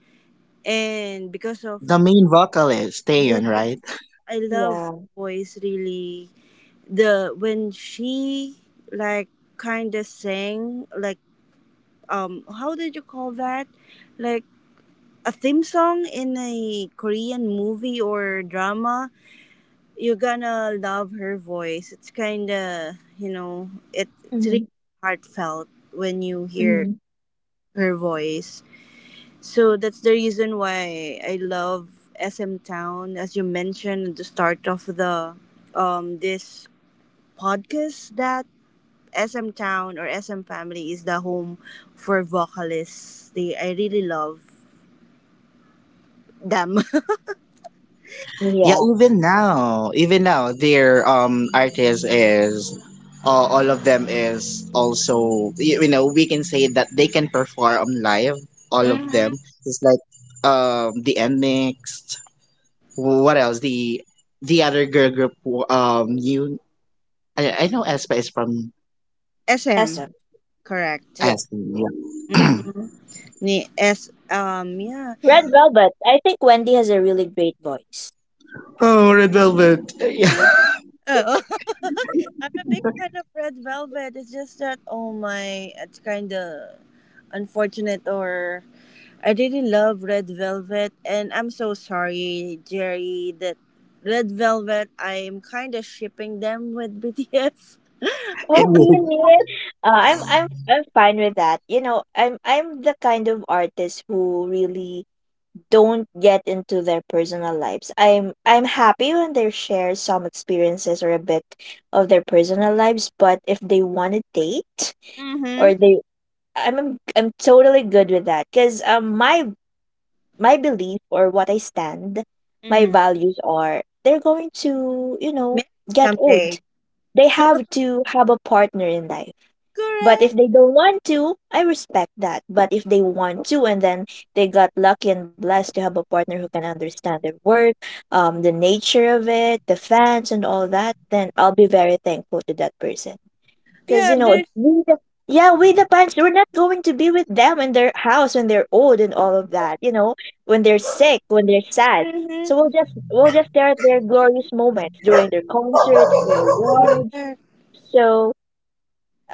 and because of the main vocalist, Taeyeon, yes, right? I love her Yeah. voice really. The when she like kind of sang like how did you call that, like a theme song in a Korean movie or drama. You're gonna love her voice. It's kind of, you know, it's Mm-hmm. really heartfelt when you hear Mm-hmm. her voice. So that's the reason why I love SM Town, as you mentioned at the start of the this podcast, that SM Town or SM Family is the home for vocalists. They I really love them. *laughs* Yeah, Yeah. Even now, their artist is, all of them is also, you know, we can say that they can perform live, all of them. Mhm. It's like, the next, what else, the other girl group, you I know Espa is from SM, SM. correct. Yeah. Aspen. Yeah. Ni S yeah. Red Velvet. I think Wendy has a really great voice. Oh, Red Velvet. *laughs* Yeah. Oh, *laughs* I'm a big fan of Red Velvet. It's just that, oh my, it's kind of unfortunate. Or I really love Red Velvet, and I'm so sorry, Jerry, that Red Velvet. I'm kind of shipping them with *laughs* BTS. Oh And really? I'm fine with that. You know, I'm the kind of artist who really don't get into their personal lives. I'm happy when they share some experiences or a bit of their personal lives, but if they want to date or Mm-hmm. they I'm totally good with that cuz my my belief or what I stand, my Mm-hmm. values are they're going to, you know, Maybe get old someday. they have to have a partner in life. But if Correct. they don't want to, I respect that. But if they want to, and then they got lucky and blessed to have a partner who can understand their work, the nature of it, the fans, and all that, then I'll be very thankful to that person. Because Yeah. you know, There's. Yeah, we the parents, we're not going to be with them in their house when they're old and all of that. You know, when they're sick, when they're sad. So Mm-hmm. We'll just stare at their glorious moments during their concerts, their awards. Correct. So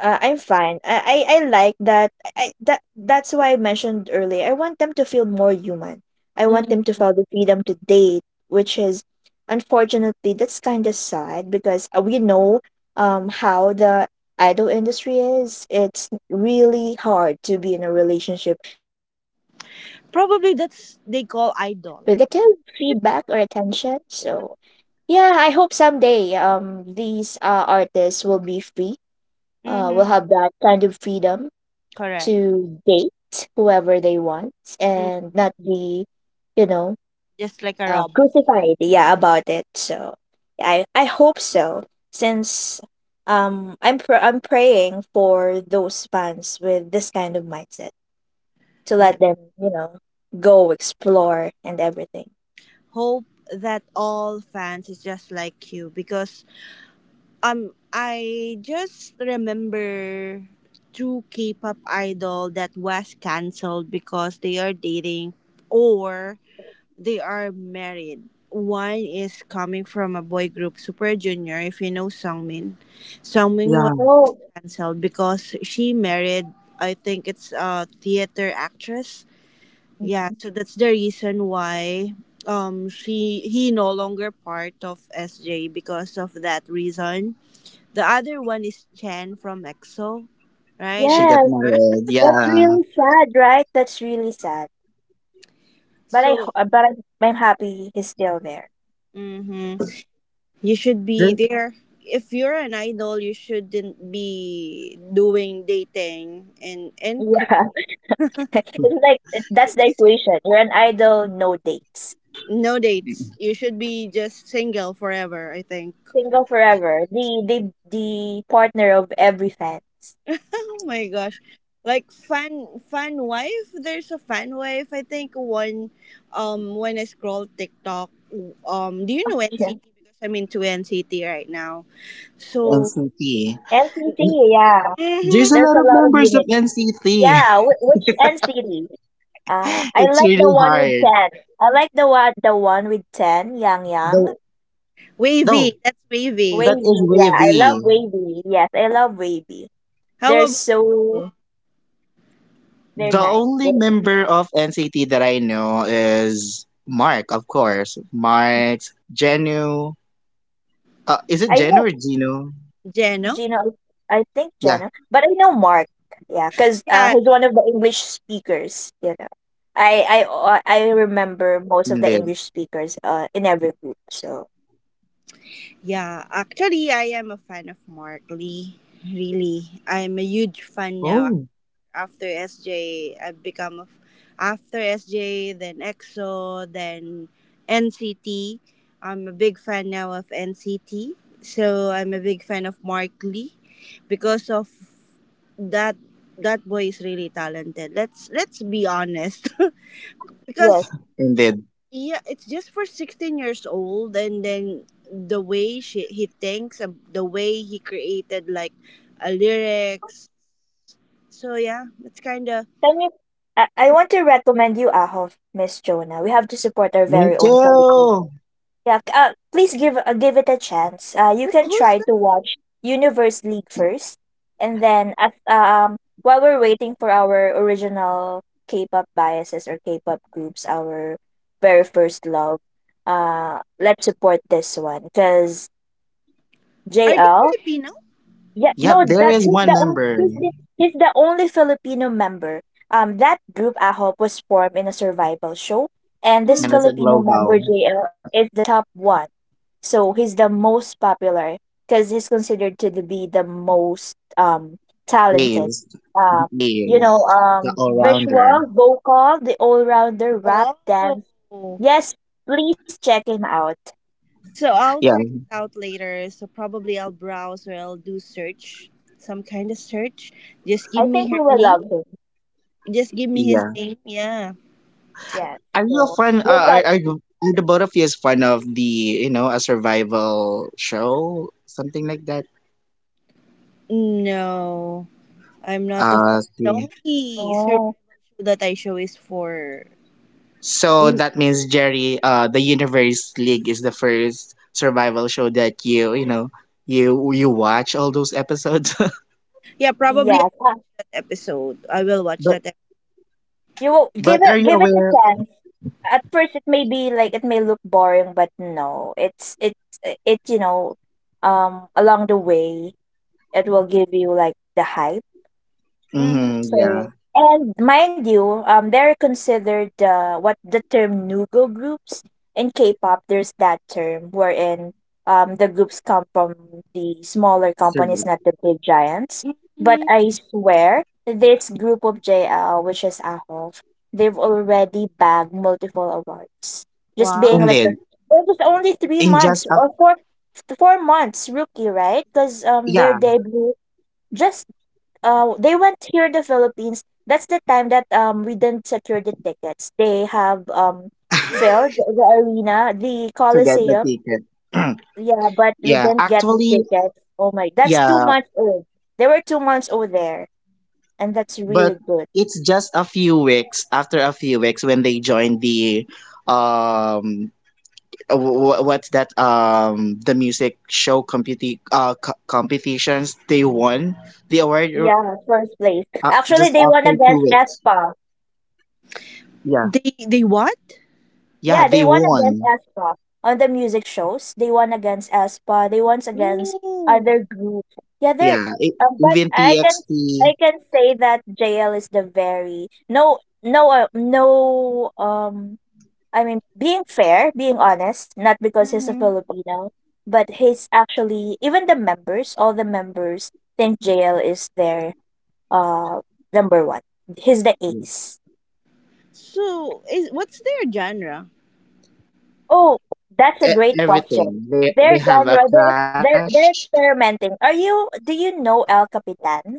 I'm fine. I like that. I that that's why I mentioned earlier. I want them to feel more human. I want Mm. them to feel the freedom to date, which is unfortunately that's kind of sad because we know how the idol industry is. It's really hard to be in a relationship without getting, Probably you know, that's they call idol. negative feedback or attention. So yeah, I hope someday these artists will be free will Mm-hmm. have that kind of freedom Correct. to date whoever they want Mm. and not be, you know, Just like a robot. crucified. Yeah, about it. So I hope so. Since I'm praying for those fans with this kind of mindset to Yeah. let them you know go explore and everything. Hope that all fans is just like you, because I just remember two K-pop idol that was canceled because they are dating or they are married. One is coming from a boy group Super Junior, if you know Sungmin. Sungmin yeah, was Oh canceled because she married, I think it's a theater actress. Yeah, mhm. so that's the reason why she he no longer part of SJ because of that reason. The other one is Chen from EXO, right? she You got Yes, remember? married. *laughs* that's Yeah. really sad, right? That's really sad. So But I'm happy he's still there. mm-hmm. You should be There- there. If you're an idol, you shouldn't be doing dating in Yeah. Korea. You It's like that's should the be single. equation. You're an idol, no dates. No dates. You should be just single forever, I think. Single forever. The partner of every fan. *laughs* Oh my gosh. Like fan fan wife, there's a fan wife. I think one when I scroll TikTok, do you Oh, know yeah. NCT, because I'm into NCT right now. So NCT. NCT, yeah. There's a hmm. There's lot a of lot of members of units. NCT. Yeah, which NCT? I It's like the really one with hard. ten. I like the one with ten. Yang Yang. Though, though Wavy, that's Wavy. That Wavy, is yeah. I love wavy. Wavy. Yes, I love Wavy. How They're about so you? they're The Van nice. only They're nice. member of NCT that I know is Mark, of course. Mark, Genu. Is it I Genu or know Genu? Jeno? Gina, I think Yeah, Jenna, but I know Mark. Yeah, because Yeah. he's one of the English speakers. You know, indeed. I remember most of the English speakers in every group. So Yeah, actually I am a fan of Mark Lee. Really. I'm a Oh, huge fan now. After S have become a, f- After SJ, then EXO, then N C am a big fan now of NCT. So I'm a big fan of Mark Lee because of that, that boy is really talented. Let's be honest. *laughs* Because yes, indeed. yeah, it's just for 16 years old, and then the way she, he thinks, the way he created like a lyrics, so yeah, it's kind of can you? I want to recommend you Ahof, Miss Jonah. We have to support our Me very own Filipino. too. Yeah, please give give it a chance. You can who's try to watch Universe League first, and then at while we're waiting for our original K-pop biases or K-pop groups, our very first love, let's support this one because are they JL Filipino? yeah, Yep, no, there that is one member, and he's the only Filipino member. That group Ahop was formed in a survival show, and this it's Hmm. a Filipino member global. JL is the top one. So he's the most popular because he's considered be the most talented. Is Um, you know, is the all rounder. visual, vocal, the all-rounder, rap, dance. Oh, Yes, please check him out. so I'll Yeah, check it out later. So probably I'll browse or I'll do search, some kind of search. Just give I think me her you will name. love him. Just give me his yeah. name. Yeah. Yes. Are you a So fan? Look out. Are you, are the both of you is fan of the, you know, a survival show, something like that? No, I'm not a fan. The See. only survival Oh. show that I show is for. So Mm, that means Jerry, the Universe League is the first survival show that you know you watch all those episodes. *laughs* yeah, probably Yes, that episode. I will watch but that. You will but are you give it a aware? chance. At first, it may be like it may look boring, but no, it's it. You know, along the way, it will give you like the hype. Mm-hmm. Mm-hmm, yeah, So, and mind you, they're considered what the term Nugo groups in K-pop. There's that term wherein the groups come from the smaller companies, survival. not the big giants. But Hmm. I swear, this group of JL, which is Ahof, they've already bagged multiple awards. Just being Wow. Indeed, like the it was only in three just a, months or four months rookie, right? Because their yeah, *laughs* debut just they went here in the Philippines. That's the time that we didn't secure the tickets. They have filled to the arena, the get the Coliseum. ticket. *clears throat* Yeah, but we Yeah, didn't get the actually, tickets. Oh my, that's two yeah. months old. They were 2 months old there, and that's But really good. it's just a few weeks, after a few weeks when they joined the um w- what's that, the music show co- competitions. They won the award Yeah, first place. Actually, just they won after two against weeks. Espa. Yeah, They what? yeah, Yeah, they they won against won. aespa on the music shows. They won against aespa. They won against Ooh. other groups. Yeah, they're. Yeah, it, But Even I TXT, can say that JL is the very no I mean being fair, being honest, not because he's a Mm-hmm. Filipino, but he's actually even the members, all the members think JL is their uh number one. He's the e- ace. So, is what's their genre? Oh, that's a great everything. question. They Their have a genre, crash they're experimenting. Do you know El Capitan,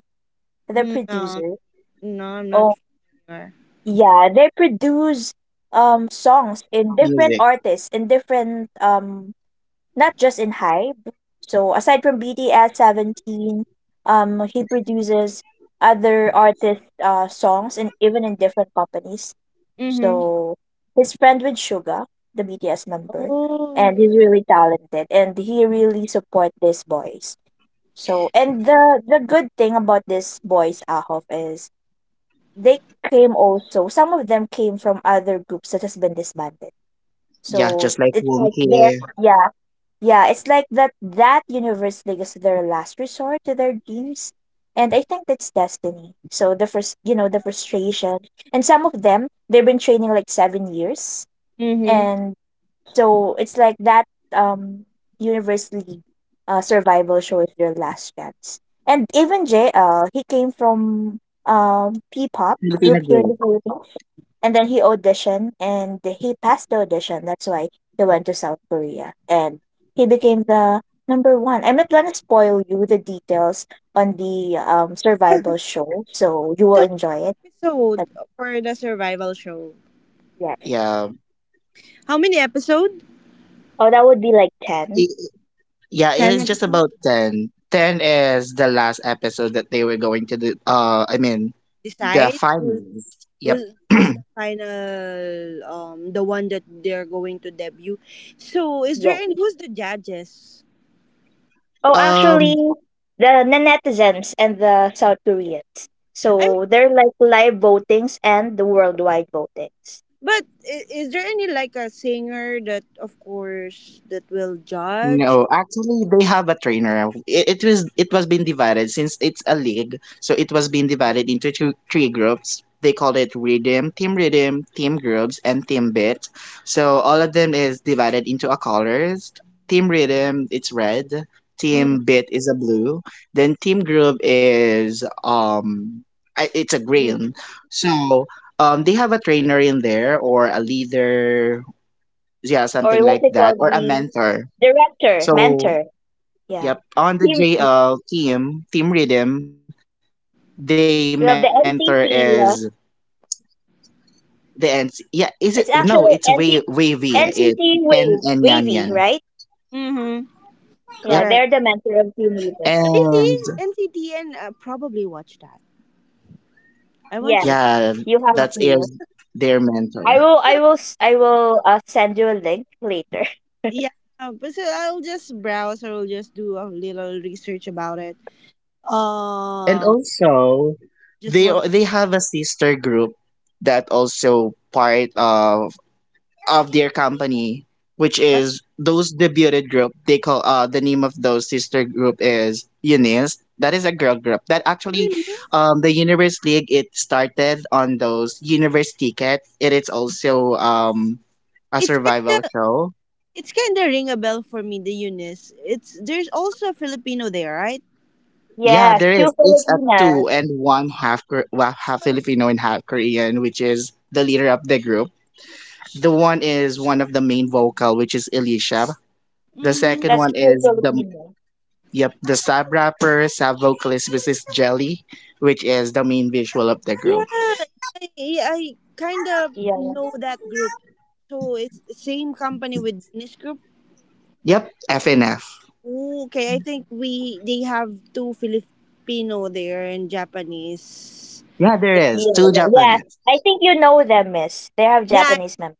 the No, producer? no, I'm not Oh, familiar. yeah, they produce music. songs in different artists, in different not just in Hype. So aside from BTS 17, he produces other artists' songs and even in different companies. Mm-hmm. So his friend with Suga, the BTS member, Oh. and he's really talented and he really support these boys. So and the good thing about these boys Ahof is they came also some of them came from other groups that has been disbanded. Yeah, So just like it's like their Wonky yeah yeah it's like that that universe league is their last resort to their dreams. And I think that's destiny. So the first, you know, the frustration, and some of them, they've been training like 7 years. Mm-hmm. And so it's like that um Universe League survival show is your last chance. And even JL, he came from P pop group Filipino here in the group. Philippines. And then he auditioned and he passed the audition. That's why he went to South Korea and he became the number one. I'm not gonna spoil you the details on the survival show, so you will So, enjoy it. episode But for the survival show. yeah. Yeah. How many episode? Oh that would be like ten. Yeah, it Ten is just episodes. about 10. 10 is the last episode that they were going to do. I mean, the Decide who's, finals. Yep. Who's the final the one that they're going to debut. So, is there Yes. any who's the judges? *clears throat* Oh, actually, um, the netizens and the South Koreans. I mean, So they're like live votings and the worldwide votings. but is there any like a singer that of course that will judge? No, actually, they have a trainer. It was, it was being divided since it's a league, so it was being divided into two, three groups. They called it Rhythm, Team Rhythm, Team Groups, and Team Bit. So all of them is divided into a colors. Team Rhythm, it's red. Team Bit is a blue. Then Team Group is it's a Mm. green. So they have a trainer in there, or a leader, yeah, Or something what like they call that, or a the mentor. director, So, mentor. Yeah. yep. On the Team, JL team, Team Rhythm, they mentor we is have the NCT. Uh, the ends. Yeah, is it? No, it's way it's wavy. actually NC, It's Ken and NCT Yan Wave, Yan. Wavy, right? Mm-hmm. Yep. Yeah, Correct. they're the mentor of Team Leader. And Really? NCTN, probably watch that. I want Yes, to. yeah, you have that's to. their mentor. I will send you a link later. *laughs* Yeah, but so I'll just browse or I'll just do a little research about it. Um, And also, just want they have a sister group that also part of their company, which what is those debuted group. They call the name of those sister group is Eunice. That is a girl group that actually, Eunice? The Universe League, it started on those Universe tickets. It is also a It's survival kind of show. it's kind of ring a bell for me. The Eunice. It's there's also a Filipino there, right? Yeah, Yes, there two is. It's a Filipinas. two and one half well, half Filipino and half Korean, which is the leader of the group. The one is one of the main vocal, which is Elisha. The second That's Mm-hmm. one two is the Filipinas. Yep, the sub rappers have vocalist Mrs. Jelly, which is the main visual of the group. Yeah, I, I kind of Yeah, know that group. So it's same company with Eunice Group. Yep, FNF. Okay, I think we they have two Filipino there and Japanese. Yeah, there is. yeah, Two yeah, yeah. Japanese. I think you know them, miss. They have Yeah, Japanese members.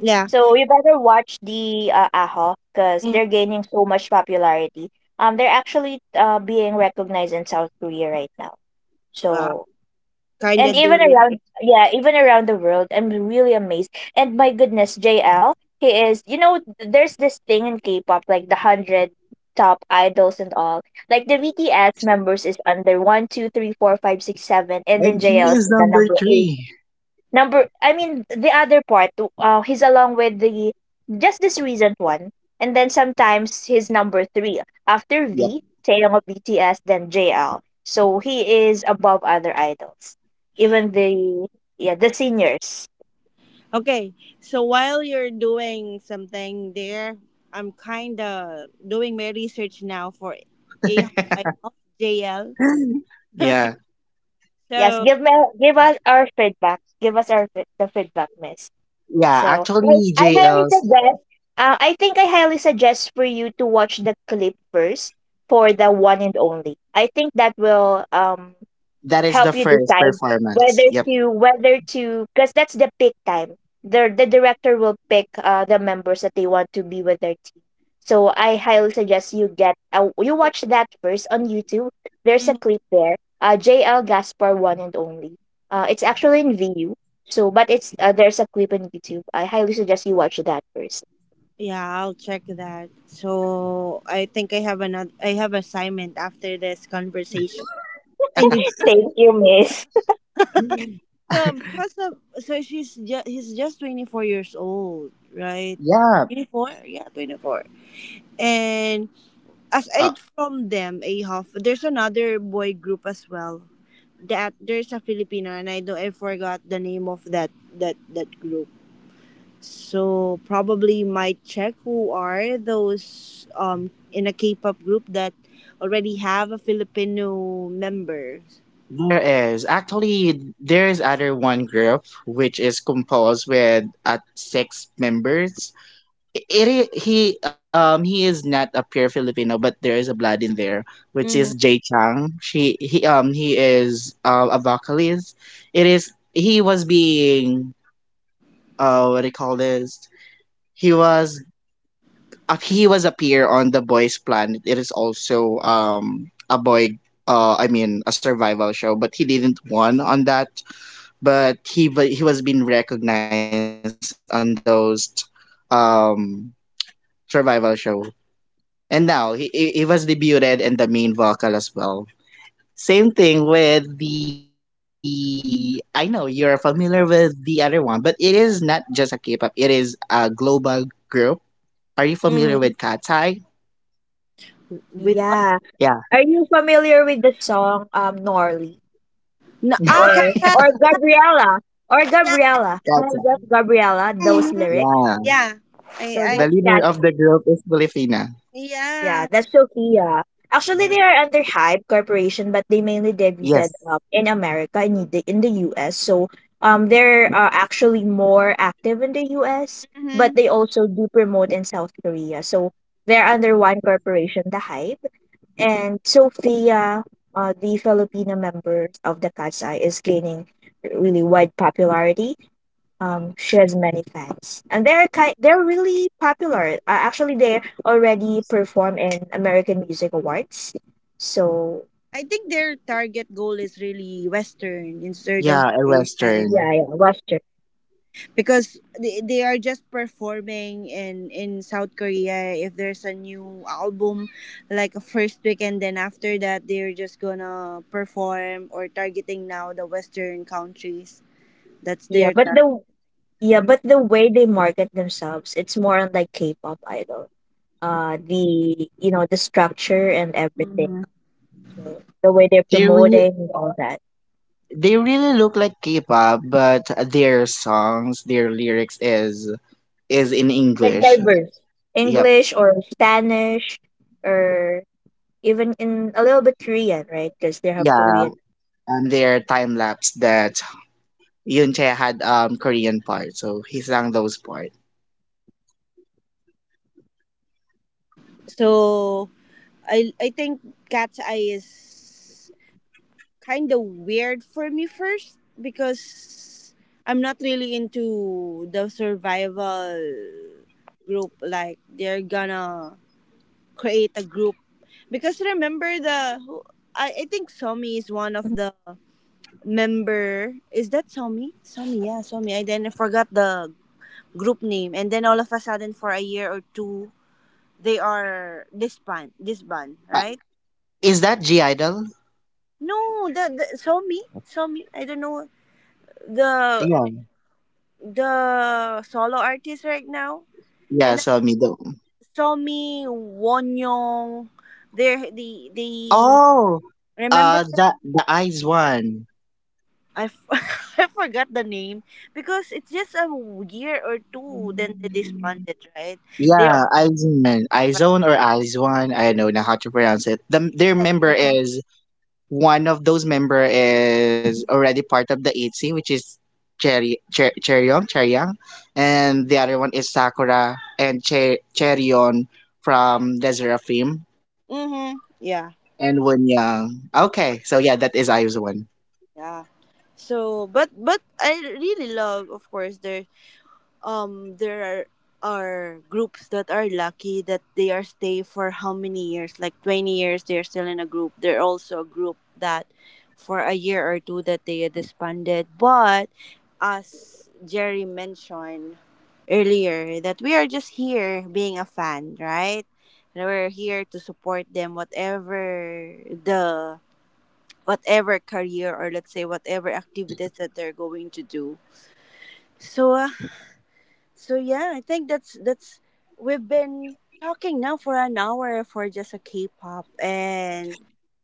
yeah. So you better watch the AHO because Mm. they're gaining so much popularity. They're actually being recognized in South Korea right now. Wow, So, kind and of even dual. around, yeah, even around the world, I'm really amazed. And my goodness, JL, he is, you know, there's this thing in K-pop, like the 100 top idols and all. Like the VTS members is under one, two, three, four, five, six, seven, and then And JL he is is the number number 8. three. Number, I mean, the other part, he's along with the just this recent one, and then sometimes he's number three after Yep. V, Taeyong of BTS, then JL. So he is above other idols, even the yeah the seniors. Okay, so while you're doing something there, I'm kind of doing my research now for a *laughs* JL. Yeah. *laughs* Yes, So give us our feedback. Give us the feedback, Miss. Yeah, So actually, I highly JL's, suggest. I highly suggest for you to watch the clip first for the one and only. I think that will that is the help you first decide performance. whether Yep. To because that's the pick time the director will pick the members that they want to be with their team, so I highly suggest you get you watch that first on YouTube. There's a mhm. clip there JL Gaspar one and only. Uh, it's actually in Vu. So but it's there's a clip on YouTube. I highly suggest you watch that first. Yeah, I'll check that. So I think I have another. I have assignment after this conversation. I need to Thank you, Miss. so because of so she's just he's just 24 years old, right? Yeah. 24, yeah, *laughs* 24. And Uh, aside from them, Ahof, there's another boy group as well. That there's a Filipino, and I don't I forgot the name of that that group. So probably might check who are those in a K-pop group that already have a Filipino member. there is. Actually, there is other one group which is composed with at six members. He he is not a pure Filipino, but there is a blood in there, which is Mm-hmm. Jay Chang. She He he is a vocalist. It is he was being, what do you call this? He was he was a peer on the Boys Planet. It is also a boy, I mean a survival show, but he didn't won on that. But he was being recognized on those um survival show. And now he was debuted in the main vocal as well. Same thing with the, I know you're familiar with the other one, but it is not just a K-pop, it is a global group. Are you familiar with Mm-hmm. Katai? With. Yeah. Yeah. Are you familiar with the song Norley Na- ah, or *laughs* Yeah. Katan! Gabriella or Yeah, yeah, Gabriella? Katai. Hands up Gabriella, yeah. those lyrics. Yeah, Yeah. So the I that's leader that. of the group is Filipina. Yeah, yeah. that's Sophia. Actually, they are under Hype Corporation, but they mainly Yes. debuted in America in the US. So they're actually more active in the US, but Hmm. they also do promote in South Korea. So they're under one corporation, the Hype. And Sophia, the Filipino member of the Cat's Eye, is gaining really wide popularity. She has many fans, and they're kind, they're really popular. Actually, they already perform in American Music Awards. So I think their target goal is really Western instead Yeah, of a Asian, yeah, Western. yeah, Western. because they are just performing in South Korea. If there's a new album, like a first week, and then after that they're just gonna perform or targeting now the Western countries. That's Yeah, their but target. the yeah, but the way they market themselves, it's more on like K-pop idol. Uh, the you know the structure and everything, Mhm. so the way they're They re- promoting and all that they really look like K-pop, but their songs, their lyrics is in like English. diverse Yep. English or Spanish or even in a little bit Korean, right? Because they have Yeah, Korean. Their time lapse that Yoon Tae had Korean part, so he sang those part. So I think Cat's Eye is kind of weird for me first Mhm. because I'm not really into the survival group. Like they're gonna create a group, because remember the I think Somi is one of the member. Is that Somi? Somi, yeah, Somi. I then forgot the group name, and then all of a sudden for a year or two they are disband Uh, right. is that G Idol? No, the Somi, Somi. I don't know the Yeah, the solo artists right now. yeah. And So me do. Somi Wonyong, they the Oh, remember that the Eyes one. I, f- *laughs* I forgot the name because it's just a year or two then they disbanded, right? They Yeah, all Eyes one, Eyes one, or Eyes one. I don't know how to pronounce it. The their member survived. is one of those member is already part of the ITZY, which is Cherryong Cherryang, and the other one is Sakura and Cherryon from the Seraphim. Mm-hmm. Yeah. And one young. Okay, so yeah, that is Ayu's one. *laughs* Yeah. So but I really love, of course, their there are groups that are lucky that they are stay for how many years, like 20 years they're still in a group. There are also a group that for a year or two that they disbanded. But as Jerry mentioned earlier, that we are just here being a fan, right? And we're here to support them, whatever the whatever career or let's say whatever activities that they're going to do. So so yeah, I think that's we've been talking now for an hour for just a K-pop, and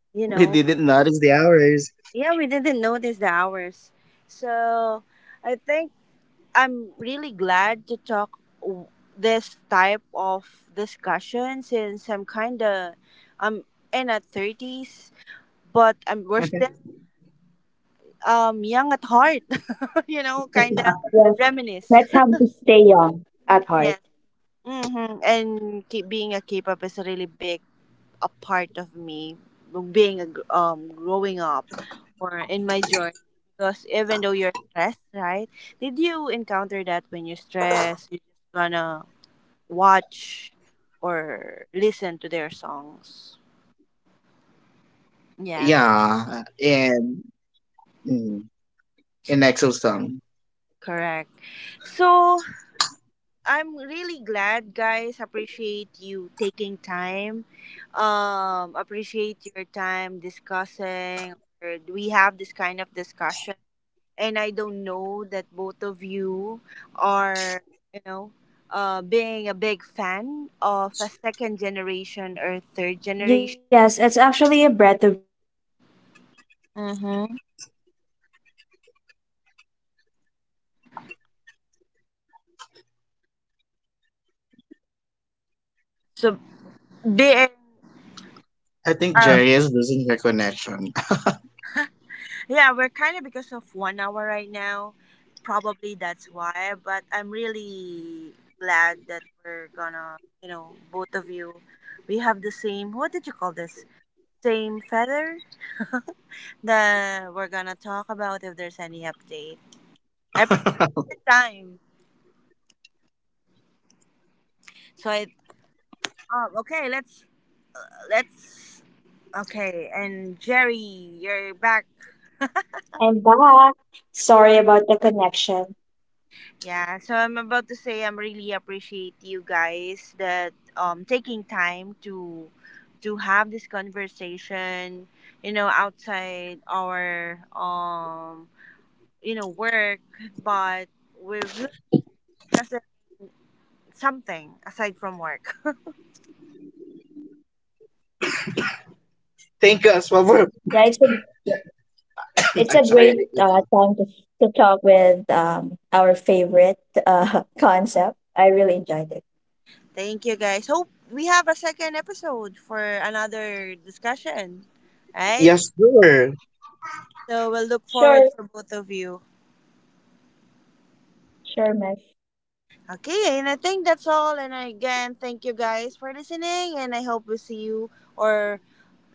We you know, didn't notice the hours. yeah, we didn't notice the hours. So I think I'm really glad to talk this type of discussion, since I'm kind of I'm in a thirties, but I'm we're still *laughs* young at heart, *laughs* you know, kind of reminisce. *laughs* Yes. Mm-hmm. And keep being a K-pop is a really big a part of me, being a, growing up or in my journey, because even though you're stressed, right, did you encounter that when you're stressed you're just gonna watch or listen to their songs? Yeah, uh, Yeah, and mm, in Exosome. Yes. correct. Let's have to stay So young at heart. I'm really glad, guys, appreciate you taking time, appreciate your time discussing, or we have this kind of discussion, and I don't know that both of you are, you know, being a big fan of a second generation or third generation. Yes, it's actually a breath of fresh air. You know, just Mm-hmm. there's crazy antics. Um, they are kind of spark inspire you when you're hearing their thoughts, the way they use So music. being, I think uh, Jerry is losing her connection. yeah, we're kind of because of 1 hour right now. Probably that's why. But I'm really glad that we're gonna, you know, both of you, we have the same. What did you call this? Same feather that we're gonna talk about if there's any update. Every time. So I okay, let's okay, and Jerry, you're back. I'm back. Sorry about the connection. Yeah, so I'm about to say I'm really appreciate you guys that taking time to have this conversation, you know, outside our you know work, but we've discussed something aside from work. *laughs* Thank us Yeah, for. it's *laughs* a yeah, it's a *clears throat* I'm great sorry. I- time to talk with our favorite *laughs* *laughs* concept. I really enjoyed it. Thank you guys. Hope we have a second episode for another discussion. Right? Yes, sure. So we'll look forward Sure, for both of you. sure, Mesh. Okay, and I think that's all. And again, thank you guys for listening and I hope we see you or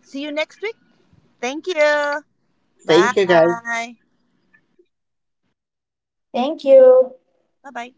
see you next week. Thank you. Bye. Thank you guys. Thank Bye you. bye.